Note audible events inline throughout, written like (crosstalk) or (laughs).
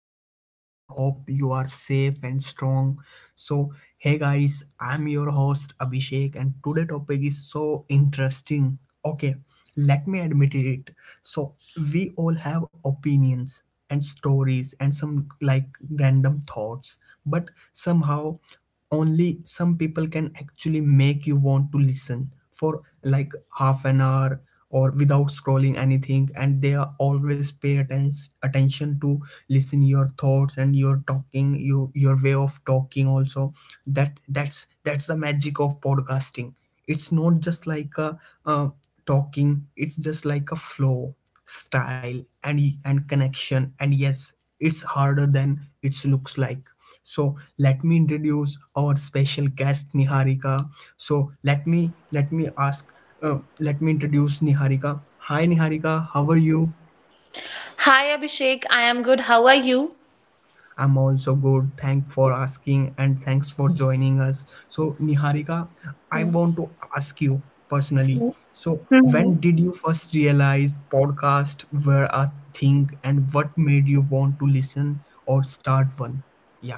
podcast and hope you are safe and strong. So, hey guys, I'm your host Abhishek and today topic is so interesting. Okay, let me admit it. So, we all have opinions and stories and some like random thoughts, but somehow only some people can actually make you want to listen for like half an hour or without scrolling anything and they are always pay attention to listen your thoughts and your talking you your way of talking also. That's the magic of podcasting. It's not just like a uh, talking, it's just like a flow style and connection, and yes, it's harder than it looks like. So let me introduce our special guest Niharika. So let me introduce Niharika. Hi Niharika, how are you? Hi Abhishek, I am good. How are you? I'm also good. Thank for asking and thanks for joining us. So Niharika, I want to ask you personally. Mm-hmm. So when did you first realize podcast were a thing and what made you want to listen or start one? Yeah,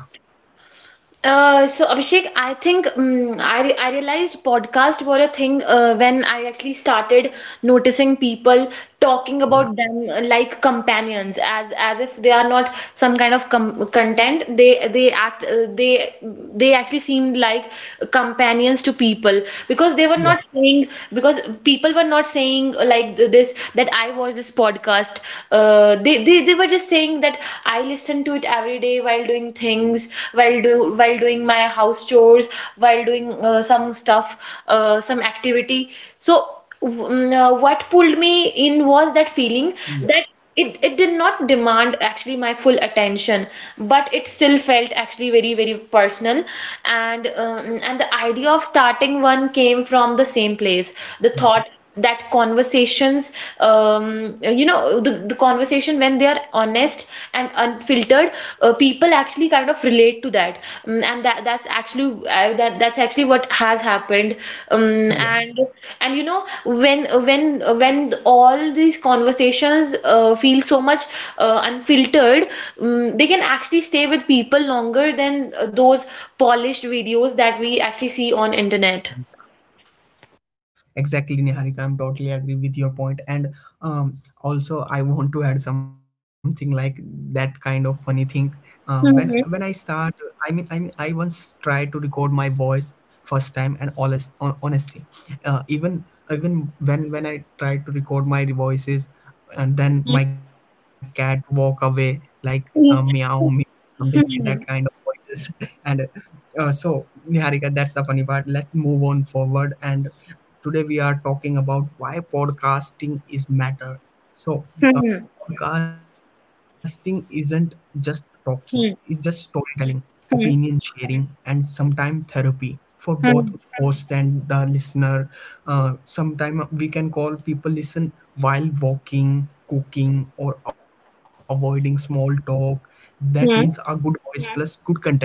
So Abhishek, I think I realized podcast were a thing when I actually started noticing people talking yeah, about them like companions, as if they are not some kind of com content. They actually seemed like companions to people yeah, because people were not saying like this that I watch this podcast. They were just saying think that I listen to it every day while doing things, while doing my house chores, while doing some stuff, some activity. So what pulled me in was that feeling yeah, that it did not demand actually my full attention, but it still felt actually very, very personal. And the idea of starting one came from the same place. The yeah, thought that conversations the conversation when they are honest and unfiltered people actually kind of relate to that. And that that's actually what has happened, um, yeah, and and when all these conversations feel so much unfiltered, they can actually stay with people longer than those polished videos that we actually see on internet. Exactly, Niharika. I'm totally agree with your point. And um, also, I want to add something like that kind of funny thing. When I start, I mean, I once tried to record my voice first time, and honesty, even when I tried to record my voices, and then my cat walk away like meow, meow, something like that kind of voices, (laughs) and so Niharika, that's the funny part. Let's move on forward and today we are talking about why podcasting is matter. So, uh, Hmm. podcasting isn't just talking; it's just Hmm. storytelling, Hmm. opinion sharing, and sometimes therapy for both Hmm. host and the listener. Sometimes we can call people listen while walking, cooking, or avoiding small talk. That means a good Hmm. voice, yeah, plus good content.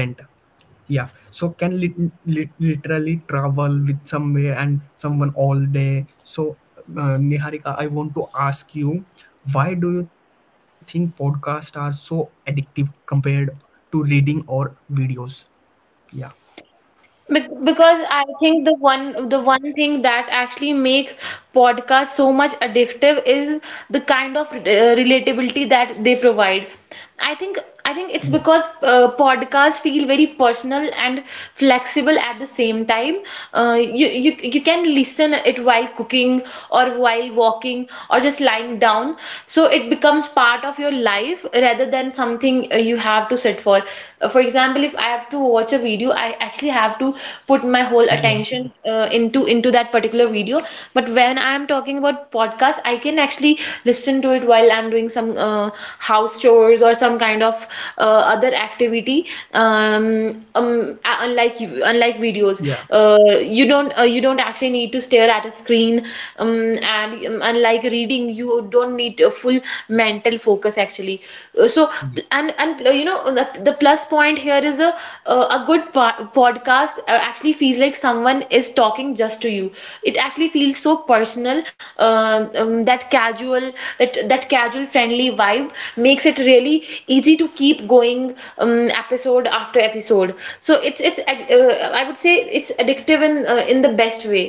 Yeah, so can literally travel with somewhere and someone all day. So, Niharika, I want to ask you, why do you think podcasts are so addictive compared to reading or videos? Yeah, Because I think the one thing that actually makes podcasts so much addictive is the kind of relatability that they provide. I think I think it's yeah, because podcasts feel very personal and flexible at the same time. You can listen it while cooking or while walking or just lying down. So it becomes part of your life rather than something you have to sit for. For example, if I have to watch a video, I actually have to put my whole yeah, attention into that particular video. But when I am talking about podcast, I can actually listen to it while I'm doing some house chores or some kind of other activity. Unlike videos, yeah, you don't actually need to stare at a screen. And unlike reading, you don't need to full mental focus actually. So yeah, and you know the plus point here is a good podcast actually feels like someone is talking just to you. It actually feels so personal. um, um, that casual that casual friendly vibe makes it yeah. really easy to keep going, um, episode after episode. So it's I would say it's addictive in the best way.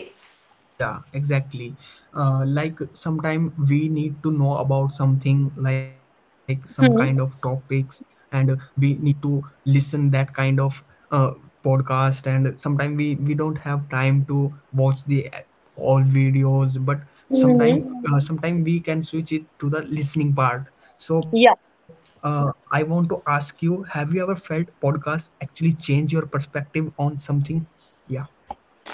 Yeah. exactly. Like sometime we need to know about something like some kind of Hmm. topics, and we need to listen that kind of uh, podcast. And sometimes we don't have time to watch the all videos, but sometime Hmm. Sometime we can switch it to the listening part. So I want to ask you: have you ever felt podcast actually change your perspective on something? Yeah,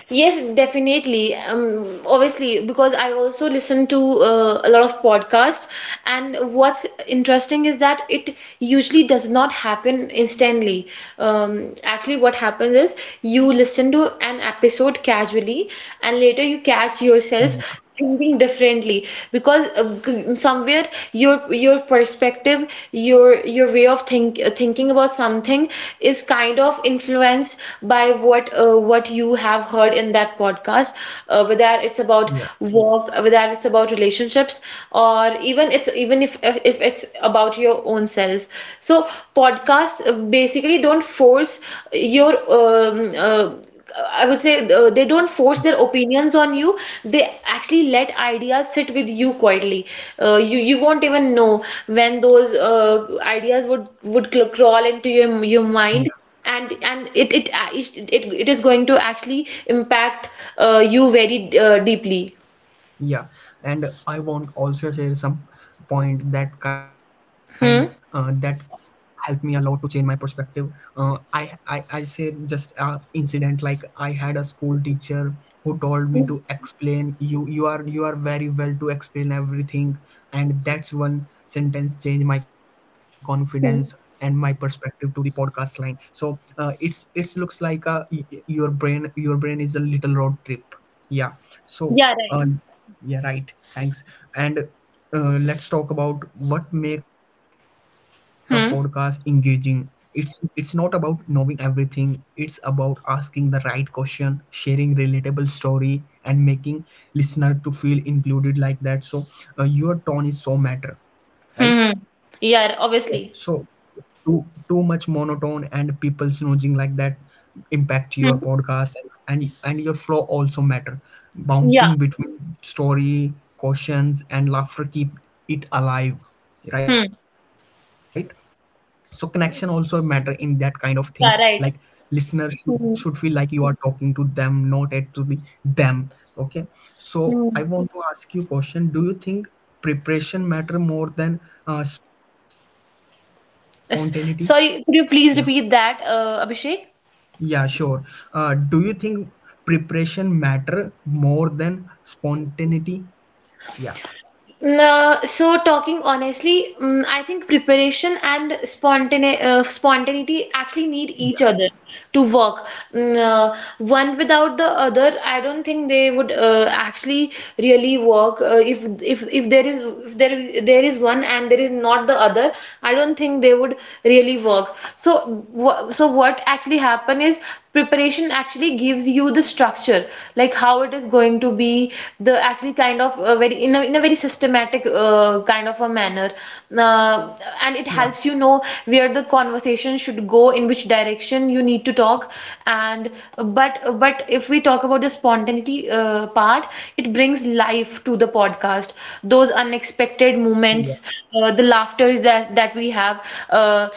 Yes, definitely. Obviously, because I also listen to a lot of podcasts, and what's interesting is that it usually does not happen instantly. Actually, what happens is you listen to an episode casually and later you catch yourself yeah, thinking differently because somewhere your perspective, your way of thinking about something is kind of influenced by what you have heard in that podcast, whether it's about yeah, work, whether it's about relationships, or even if it's about your own self. So podcasts basically don't force your I would say they don't force yeah, their opinions on you. They actually let ideas sit with you quietly. You won't even know when those ideas would crawl into your yeah. mind, and it is going to actually impact you very deeply. Yeah. And I want also share some point that kind that Hmm. helped me a lot to change my perspective. I say just a incident like I had a school teacher who told me Hmm. to explain you you are very well to explain everything, and that's one sentence changed my confidence and my perspective to the podcast line. So it's looks like a your brain is a little road trip. Yeah, so Yeah, right. uh, yeah, right, thanks. And let's talk about what make a podcast engaging. Hmm. It's it's not about knowing everything, it's about asking the right question, sharing relatable story, and making listener to feel included like that. So your tone is so matter, Hmm. right? Hmm. So Yeah, so obviously. too much monotone and people snoozing like that impact your Hmm. podcast, and your flow also matter. Bouncing Yeah. between story, cautions, and laughter keep it alive, right? Hmm. So connection also matter in that kind of things. Like Yeah, listener right. should feel Hmm. like you are talking to them, not at to the them. Okay, so Hmm. I want to ask you question: do you think preparation matter more than spontaneity? Yeah, S- Sorry, could you please repeat that, Abhishek? yeah, sure. Uh, do you think preparation matter more than spontaneity? yeah Nah, so talking honestly, I think preparation and spontaneity actually need yeah each other to work. One without the other, I don't think they would actually really work. If there is if there there is one and there is not the other, I don't think they would really work. So what actually happen is preparation actually gives you the structure, like how it is going to be the actually kind of a very in a very systematic kind of a manner, uh, and it yeah helps you know where the conversation should go, in which direction you need to talk. And but but if we talk about the spontaneity part, it brings life to the podcast, those unexpected yeah moments, the laughters that we have. uh,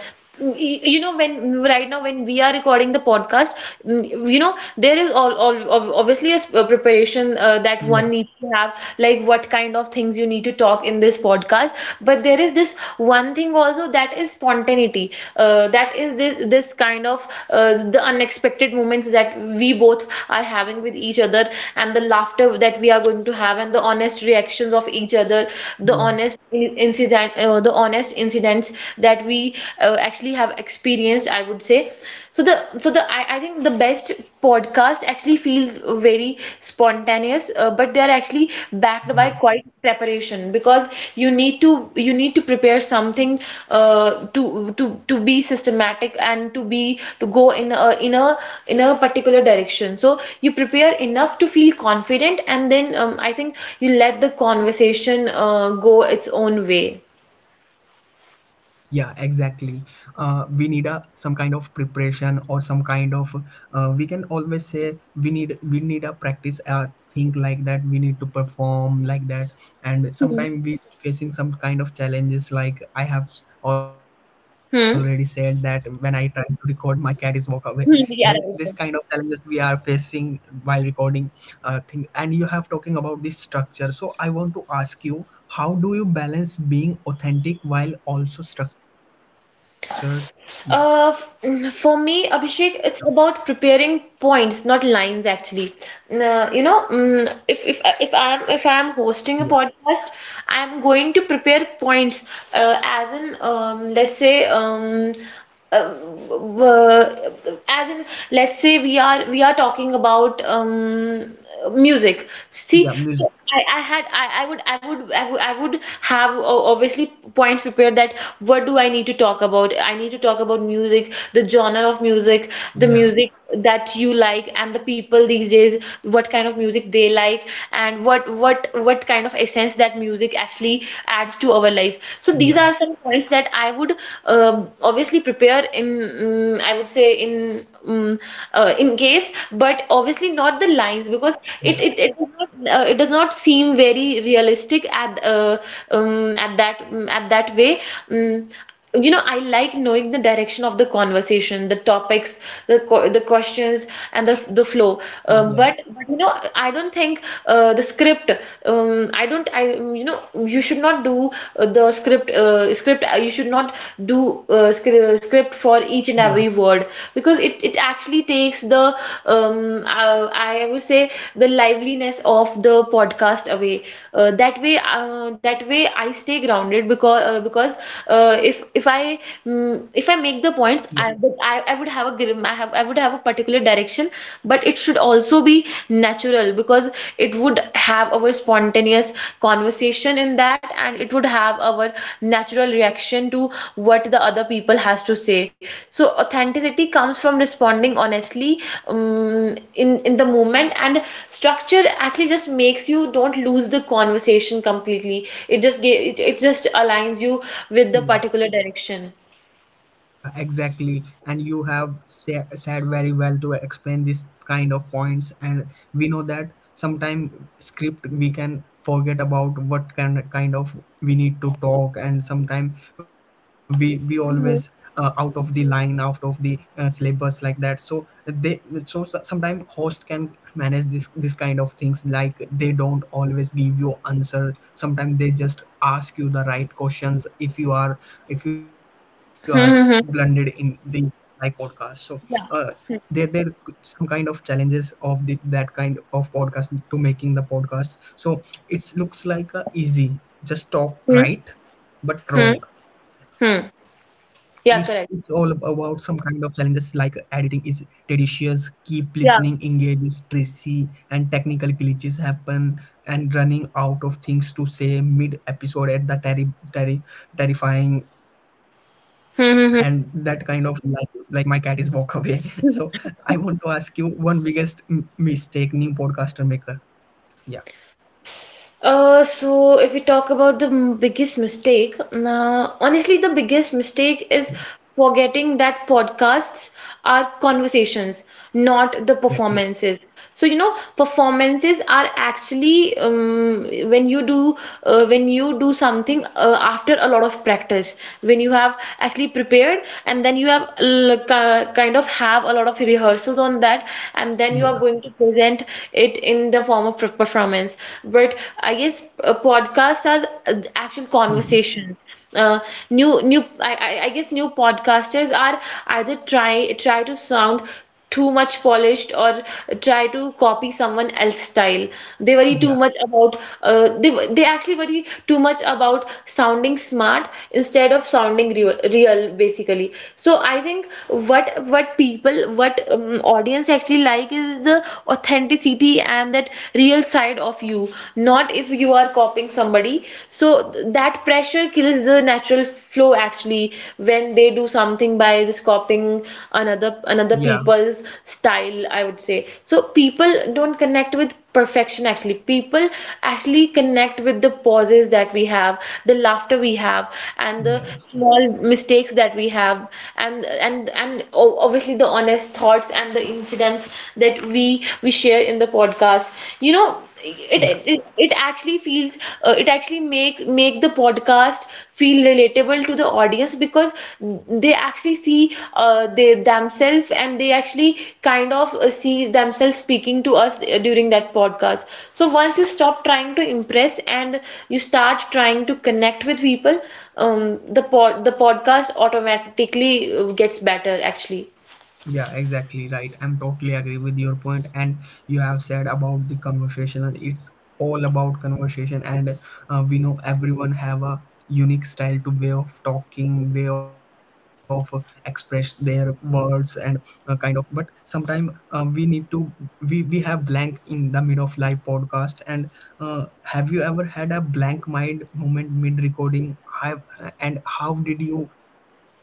you know when right now when we are recording the podcast, there is obviously a preparation that yeah one needs to have, like what kind of things you need to talk in this podcast. But there is this one thing also, that is spontaneity, that is this kind of, the unexpected moments that we both are having with each other, and the laughter that we are going to have, and the honest reactions of each other, the yeah honest in- incident uh, the honest incidents that we actually have experienced, I would say. So the so the I, I think the best podcast actually feels very spontaneous, but they are actually backed by yeah quite preparation. Because you need to you need to prepare something to be systematic, and to go in a particular direction. So you prepare enough to feel confident, and then I think you let the conversation go its own way. Yeah, exactly. We need a some kind of preparation or some kind of we can always say we need a practice thing like that, we need to perform like that. And Hmm. sometimes we facing some kind of challenges, like I have already said that when Hmm. I try to record my cat is walk away, then Hmm. this Yeah, kind of right. challenges we are facing while recording thing. And you have talking about this structure, so I want to ask you, how do you balance being authentic while also structured? Yeah, For me, Abhishek, it's about preparing points, not lines, actually. If I'm hosting a yeah, podcast, I'm going to prepare points, as in, let's say, uh, yeah, w- as in, we are talking about music. See, yeah, so music I would have obviously points prepared. That, what do I need to talk about? I need to talk about music, the genre of music, the yeah music that you like, and the people these days, what kind of music they like, and what kind of essence that music actually adds to our life. So these are yeah some points that I would obviously prepare in, I would say, in, in case, but obviously not the lines, because it yeah it, it does not seem very realistic at that way. Um, I like knowing the direction of the conversation, the topics, the questions, and the flow. Um, yeah but, but you know, I don't think the script. I don't. You should not do the script. You should not do script for each and yeah every word, because it actually takes the um i would say the liveliness of the podcast away. That way I stay grounded, because if I yeah make the points, I would have a particular direction. But it should also be natural, because it would have our spontaneous conversation in that, and it would have our natural reaction to what the other people has to say. So authenticity comes from responding honestly in the moment, and structure actually just makes you don't lose the conversation completely. It just aligns you with the yeah particular direction. yeah Exactly. And you have said very well to explain this kind of points. And we know that sometimes script we can forget about what kind of we need to talk, and sometimes we always Hmm. out of the line, out of the syllabus like that. So they, so sometimes host can manage this kind of things, like they don't always give you answer, sometimes they just ask you the right questions if you are, if you are blended in Hmm. Hmm. the Hmm. live podcast. So uh, Yeah. there some kind of challenges of the, that kind of podcast to making the podcast. So it looks like a easy just talk, Hmm. right? But Hmm. wrong. Hmm. It's all Yeah, about some correct. kind of challenges, like editing is tedious, keep listening Yeah. engage is tricky, and technical glitches happen, and running out of things to say mid episode at the terrifying. And that Hmm. kind of Hmm. like my cat is walk away (laughs) so Hmm. I want to ask you, one biggest mistake new podcaster maker? Yeah, So if we talk about the biggest mistake, now honestly, the biggest mistake yeah, is forgetting that podcasts are conversations, not the exactly, performances. So, performances are actually when you do when you do something after a lot of practice, when you have actually prepared and then you have kind of have a lot of rehearsals on that, and then you are yeah, going to present it in the form of performance. But I guess podcasts are actual Hmm., conversations. uh, new I guess new podcasters are either try to sound too much polished, or try to copy someone else's style. They worry yeah, too much about uh, they they actually worry too much about sounding smart instead of sounding real, basically. So I think what what people what audience actually like is the authenticity and that real side of you, not if you are copying somebody. So that pressure kills the natural flow actually, when they do something by just copying another yeah, people's style, I would say. So people don't connect with perfection. Actually, people actually connect with the pauses that we have, the laughter we have, and the yeah, small mistakes that we have, and obviously the honest thoughts and the incidents that we share in the podcast. You know, yeah it actually feels, it actually make make the podcast feel relatable to the audience, because they actually see they themselves, and they actually kind of see themselves speaking to us during that podcast. So once you stop trying to impress and you start trying to connect with people, the podcast automatically gets better actually. Yeah, exactly right. I'm totally agree with your point, and you have said about the conversational. It's all about conversation, and we know everyone have a unique style to way of talking, way of express their words, and kind of. But sometimes we need to, we have blank in the mid of live podcast. And uh, have you ever had a blank mind moment mid recording? Have and how did you manage it?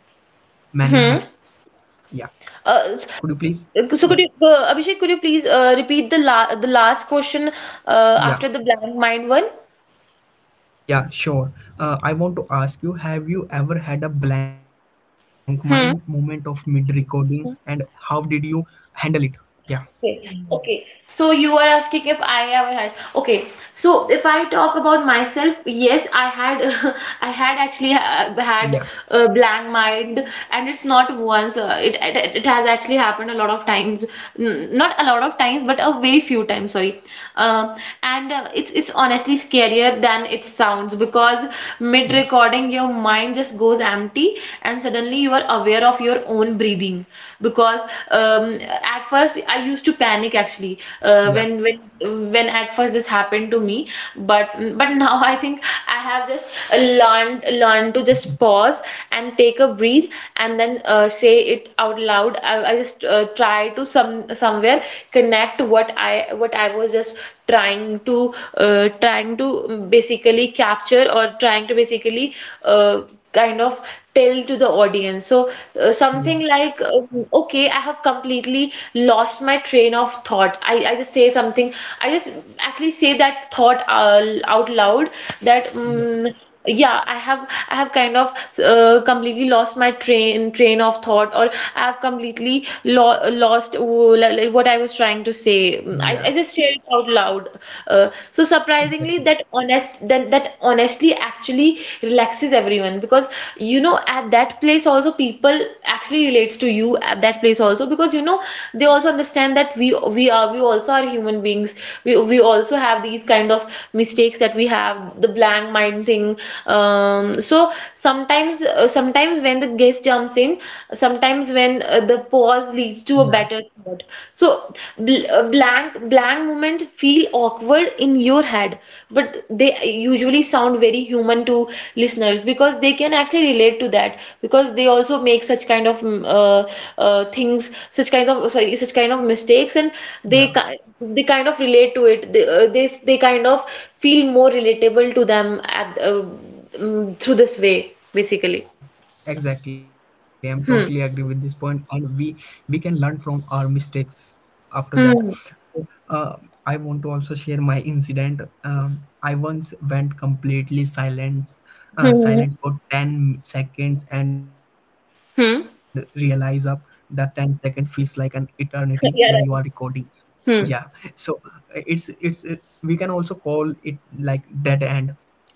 Yeah, Hmm. could you uh, s- please? Yeah. so could you Abhishek, could you please repeat the last question, Yeah, after the blank mind one? yeah, sure. I want to ask you, have you ever had a blank mind moment of mid Hmm. recording and how did you handle it? Yeah, Okay, okay. So you are asking if I ever had. Okay, so if I talk about myself, yes, I had, (laughs) I had actually ha had yeah, a blank mind, and it's not once. It has actually happened a lot of times. N Not a lot of times, but a very few times. Sorry. Um, and it's honestly scarier than it sounds, because mid yeah, recording, your mind just goes empty, and suddenly you are aware of your own breathing, because at first I used to panic actually uh, yeah, when when when at first this happened to me. but but now I think I have just learned to just (laughs) pause and take a breathe, and then say it out loud. I just try to somewhere connect what I was just trying to basically capture, or trying to basically uh, kind of tell to the audience. So yeah, something like, okay, I have completely lost my train of thought. I just say something, I just actually say that thought out loud. that, yeah, mm yeah, I have, I have kind of completely lost my train of thought, or I have completely lo lost like what I was trying to say. I yeah, just share it out loud. So surprisingly, exactly. That honestly actually relaxes everyone, because at that place also, people actually relates to you at that place also, because they also understand that we also are human beings. We also have these kind of mistakes that we have, the blank mind thing. So sometimes, sometimes when the guest jumps in, sometimes when the pause leads to a Yeah, better thought. So bl blank blank moment feel awkward in your head, but they usually sound very human to listeners, because they can actually relate to that, because they also make such kind of things, such kind of, sorry, such kind of mistakes, and they yeah. ki they kind of relate to it. They they kind of feel more relatable to them at through this way basically. Yeah, exactly. I'm totally agree with this Hmm. point, and we can learn from our mistakes after that. Hmm. So, I want to also share my incident. I once went completely silent, uh, Hmm. silent for 10 seconds, and realize up Hmm. (laughs) that ten second feels like an eternity when you are Yeah, recording. right. Yeah, Hmm. so it's we can also call it like dead end,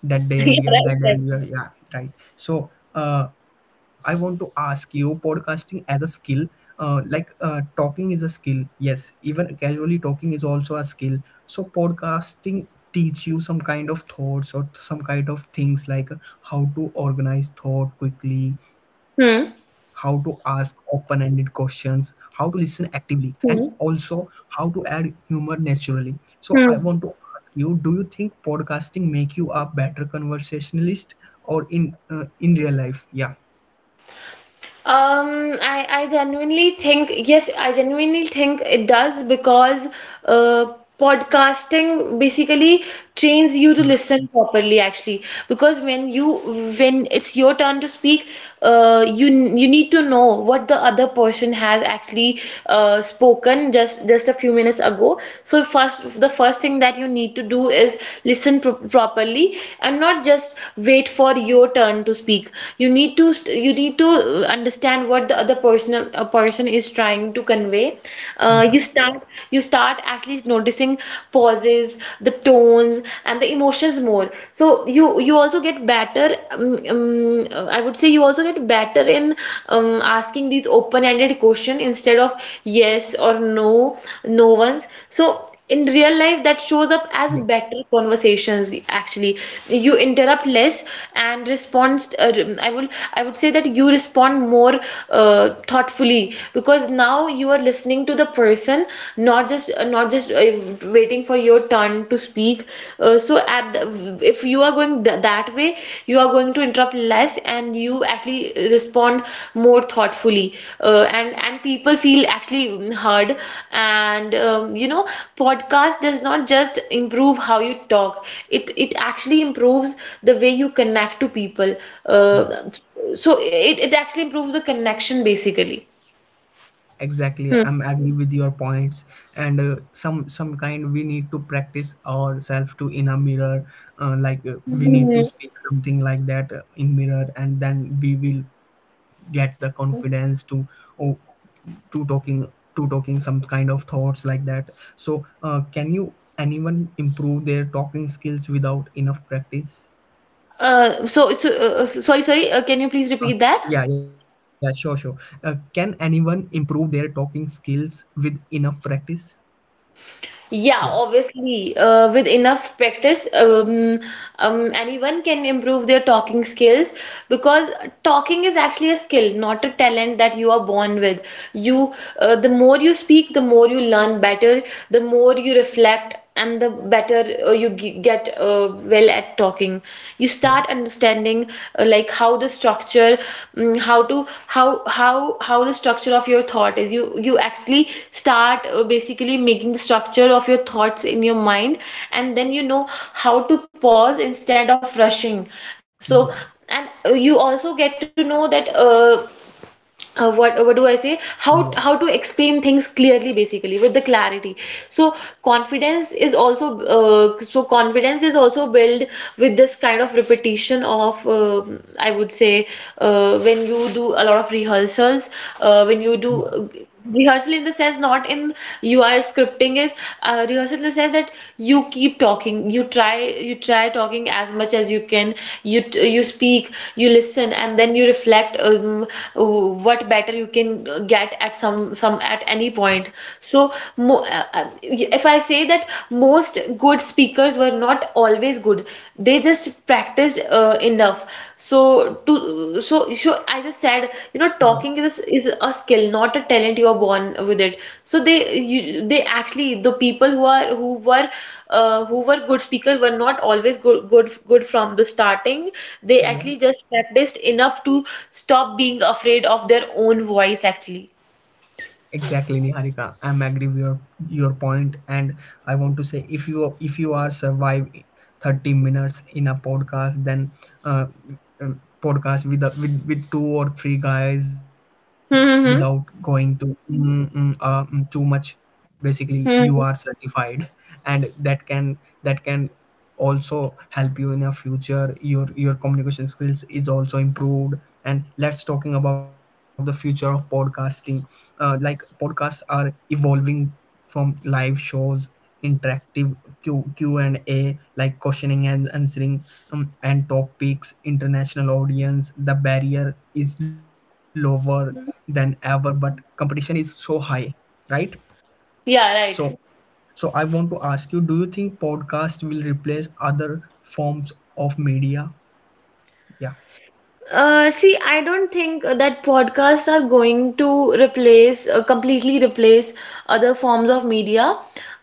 dead (laughs) Yeah, area, right, dead end. Yeah, right. yeah, right. So I want to ask you, podcasting as a skill, like talking is a skill, yes, even casually talking is also a skill. So podcasting teach you some kind of thoughts or some kind of things, like how to organize thought quickly, how to Hmm. ask open-ended questions, how to listen actively, and Hmm. also how to add humor naturally. So I want Hmm. to ask you, do you think podcasting make you a better conversationalist or in real life? Yeah, I genuinely think, yes, I genuinely think it does, because uh, podcasting basically trains you to yeah, listen properly, actually. Because when it's your turn to speak, you need to know what the other person has actually spoken just a few minutes ago. So first, the first thing that you need to do is listen properly and not just wait for your turn to speak. You need to, you need to uh, understand what the other person is trying to convey. Yeah, You start at least noticing pauses, the tones and the emotions more. So you also get better, um, I would say you also get better in um, asking these open ended question instead of yes or no no ones. So in real life, that shows up as yeah, better conversations actually. You interrupt less and respond. I will I would say that you respond more thoughtfully, because now you are listening to the person, not just waiting for your turn to speak. So at the, if you are going th that way, you are going to interrupt less and you actually respond more thoughtfully. And people feel actually heard. And podcast does not just improve how you talk, it actually improves the way you connect to people. uh, yeah. so it actually improves the connection basically. Yeah. exactly. Hmm. I'm agree with your points, and some kind we need to practice ourselves to in a mirror. Like we need to Mhm. speak something like that in mirror, and then we will get the confidence to, oh, to talking, to talking some kind of thoughts like that. So, can you anyone improve their talking skills without enough practice? Sorry, sorry, can you please repeat that? Yeah, yeah, sure, sure. Can anyone improve their talking skills with enough practice? Yeah, Yeah. obviously, with enough practice, anyone can improve their talking skills, because talking is actually a skill, not a talent that you are born with. You, the more you speak, the more you learn better, the more you reflect, and the better get well at talking. You start Yeah. understanding like how the structure, mm, how to how how the structure of your thought is. You actually start basically making the structure of your thoughts in your mind, and then you know how to pause instead of rushing. So, Yeah, and you also get to know that what do I say? Yeah, How to explain things clearly, basically with the clarity. So confidence is also so confidence is also built with this kind of repetition of, I would say, when you do a lot of rehearsals, yeah, when you do rehearsal in the sense, not in you are scripting, is rehearsal in the sense that you keep talking. You try talking as much as you can. You speak, you listen, and then you reflect what better you can get at some at any point. So mo if I say that most good speakers were not always good, they just practiced enough. So to so so I just said, you know, yeah, talking is a skill, not a talent you are born with it. So they actually, the people who are who were good speakers were not always good from the starting. They yeah. actually just practiced enough to stop being afraid of their own voice actually. Exactly, Niharika. I'm agree with your point, and I want to say if you, if you are survive 30 minutes in a podcast than uh, uh, podcast with, a, with with two or three guys without going Mm-hmm. to too much, basically you are certified. And that can also help you in your future, your communication skills is also improved. And let's talking about the future of podcasting. Uh, like podcasts are evolving from live shows, interactive Q&A like questioning and answering, and topics international audience, the barrier is lower than ever, but competition is so high, right? Yeah, So right. so I want to ask you, do you think podcast will replace other forms of media? yeah See, I don't think that podcasts are going to replace, completely replace other forms of media.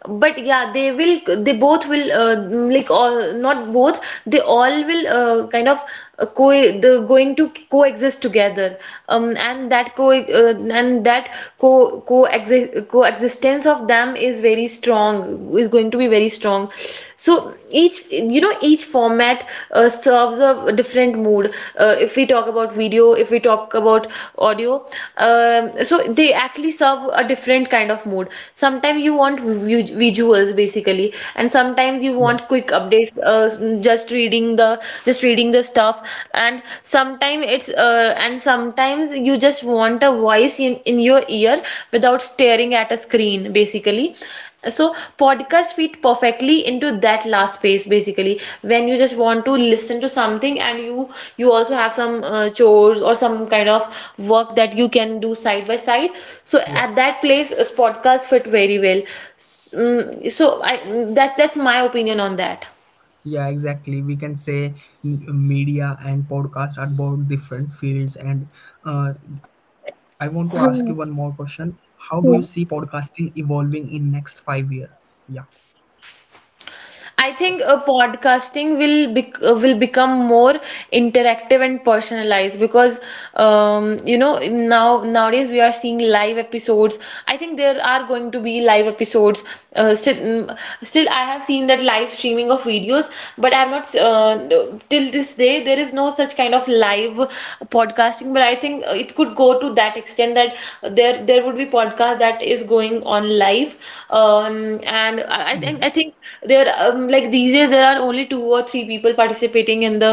But yeah, they will, they both will, like all, not both, they all will kind of co the going to coexist together. Yeah And that co coexist coexistence of them is very strong, is going to be very strong. So each, you know, each format serves a different mood. If we talk about video, if we talk about audio, so they actually serve a different kind of mood. Sometimes you want visuals basically, and sometimes you yeah want quick updates, just reading the just reading the stuff, and sometimes it's and sometimes you just want a voice in your ear without staring at a screen basically. So podcasts fit perfectly into that last space basically, when you just want to listen to something, and you also have some chores or some kind of work that you can do side by side. So yeah at that place, podcast fit very well. That's my opinion on that. Yeah, exactly. We can say media and podcast are both different fields. And uh, I want to ask you one more Hmm. question. How do you see podcasting evolving in next 5 year? Yeah, I think podcasting will bec will become more interactive and personalized, because you know, now nowadays we are seeing live episodes. I think there are going to be live episodes. Still, still I have seen that live streaming of videos, but I have not till this day there is no such kind of live podcasting. But I think it could go to that extent that there would be podcast that is going on live, and yeah, I think there, like these days there are only two or three people participating in the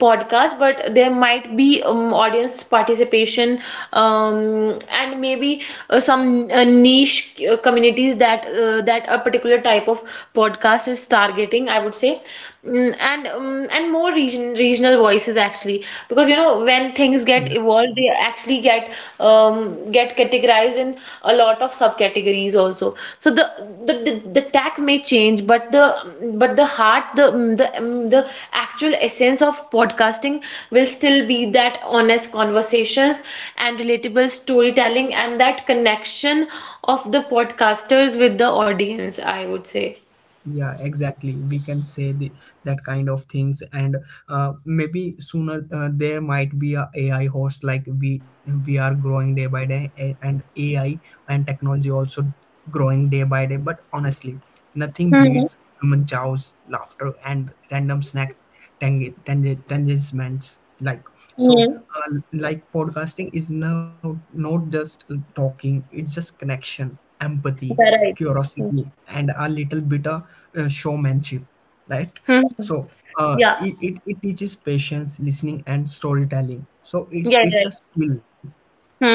podcast, but there might be audience participation, and maybe some niche communities that that a particular type of podcast is targeting, I would say. Mm, and more regional voices actually, because you know, when things get yeah. evolved, they actually get categorized in a lot of subcategories also. So the tag may change, but the heart, the actual essence of podcasting will still be that honest conversations, and relatable storytelling, and that connection of the podcasters with the audience, I would say. Yeah. Exactly, we can say the, that kind of things, and maybe sooner there might be a AI host, like we are growing day by day, and AI and technology also growing day by day. But honestly, nothing Mm-hmm. beats human chows, laughter, and random snack tangements like. So Yeah, like podcasting is now not just talking, it's just connection, empathy, right. curiosity, and a little bit of showmanship, right? Hmm. So Yeah. It teaches patience, listening, and storytelling, so Yeah, it's a skill.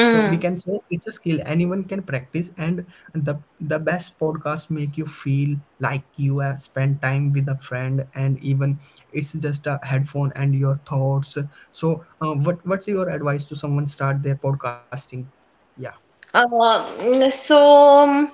So we Hmm. can say it's a skill anyone can practice, and the best podcast make you feel like you have spent time with a friend, and even it's just a headphone and your thoughts. So, what what's your advice to someone start their podcasting? Yeah, Uh, so um,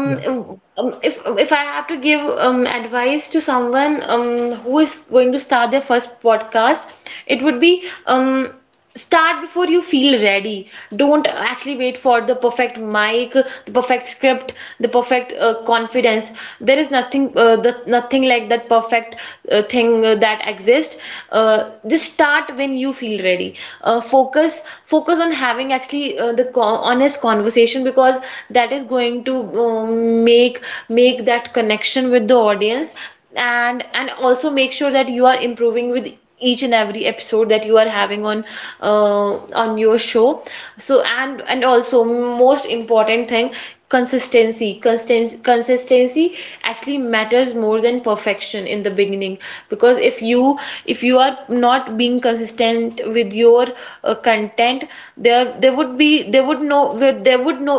yeah, if I have to give advice to someone who is going to start their first podcast, it would be, start before you feel ready. Don't actually wait for the perfect mic, the perfect script, the perfect confidence. There is nothing nothing like that perfect thing that exists. Just start when you feel ready. Focus on having actually the co honest conversation, because that is going to um, make make that connection with the audience, and also make sure that you are improving with each and every episode that you are having uh, on your show. So and also most important thing, consistency actually matters more than perfection in the beginning, because if you, if you are not being consistent with your content, there would be there would no there would no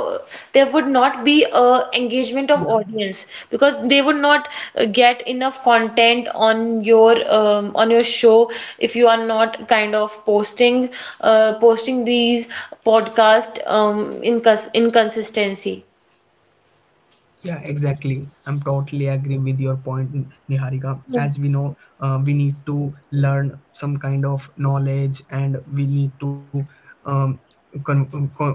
there would not be a engagement of yeah. audience, because they would not get enough content on your show, if you are not kind of posting, posting these podcast inconsistency. Yeah, exactly. I'm totally agree with your point, Niharika. Hmm, As we know, we need to learn some kind of knowledge, and we need to um, con- con-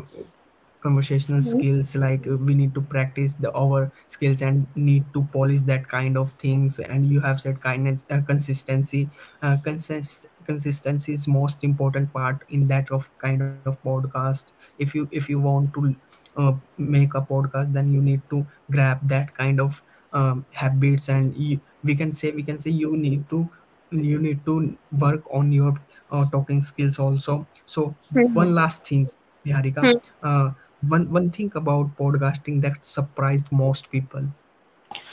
conversational hmm, skills. Like we need to practice the our skills and need to polish that kind of things. And you have said kindness, consistency. Consistency is most important part in that of kind of podcast. If you, if you want to make a podcast, then you need to grab that kind of habits. And you, we can say you need to, you need to work on your talking skills also. So one hmm, last thing, Niharika, hmm. uh, one one thing about podcasting that surprised most people?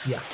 yeah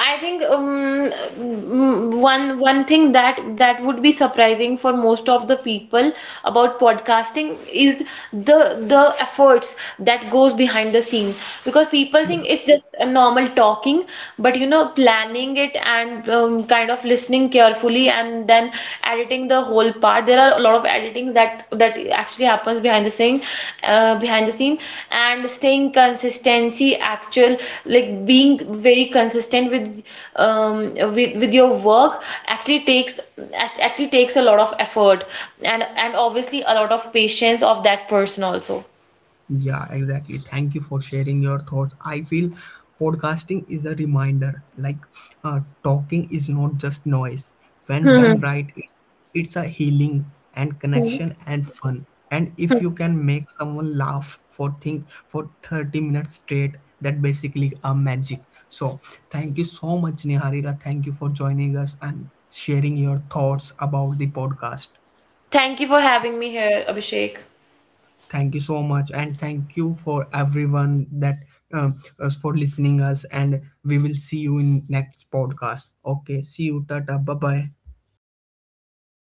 I think one thing that that would be surprising for most of the people about podcasting is the the efforts that goes behind the scene, because people yeah think it's just a normal talking, but you know, planning it and kind of listening carefully, and then editing the whole part, there are a lot of editing that that actually happens behind the scene behind the scene, and staying consistency actual, like being very consistent with with your work actually takes a lot of effort, and obviously a lot of patience of that person also. Yeah, exactly. Thank you for sharing your thoughts. I feel podcasting is a reminder, like talking is not just noise. When done Hmm. right, it's a healing and Hmm. connection and fun. And if you can make someone laugh for think for 30 minutes straight, that basically a magic. So thank you so much, Niharika. Thank you for joining us and sharing your thoughts about the podcast. Thank you for having me here, Abhishek. Thank you so much, and thank you for everyone that us for listening us, and we will see you in next podcast. Okay, see you, tata, bye bye.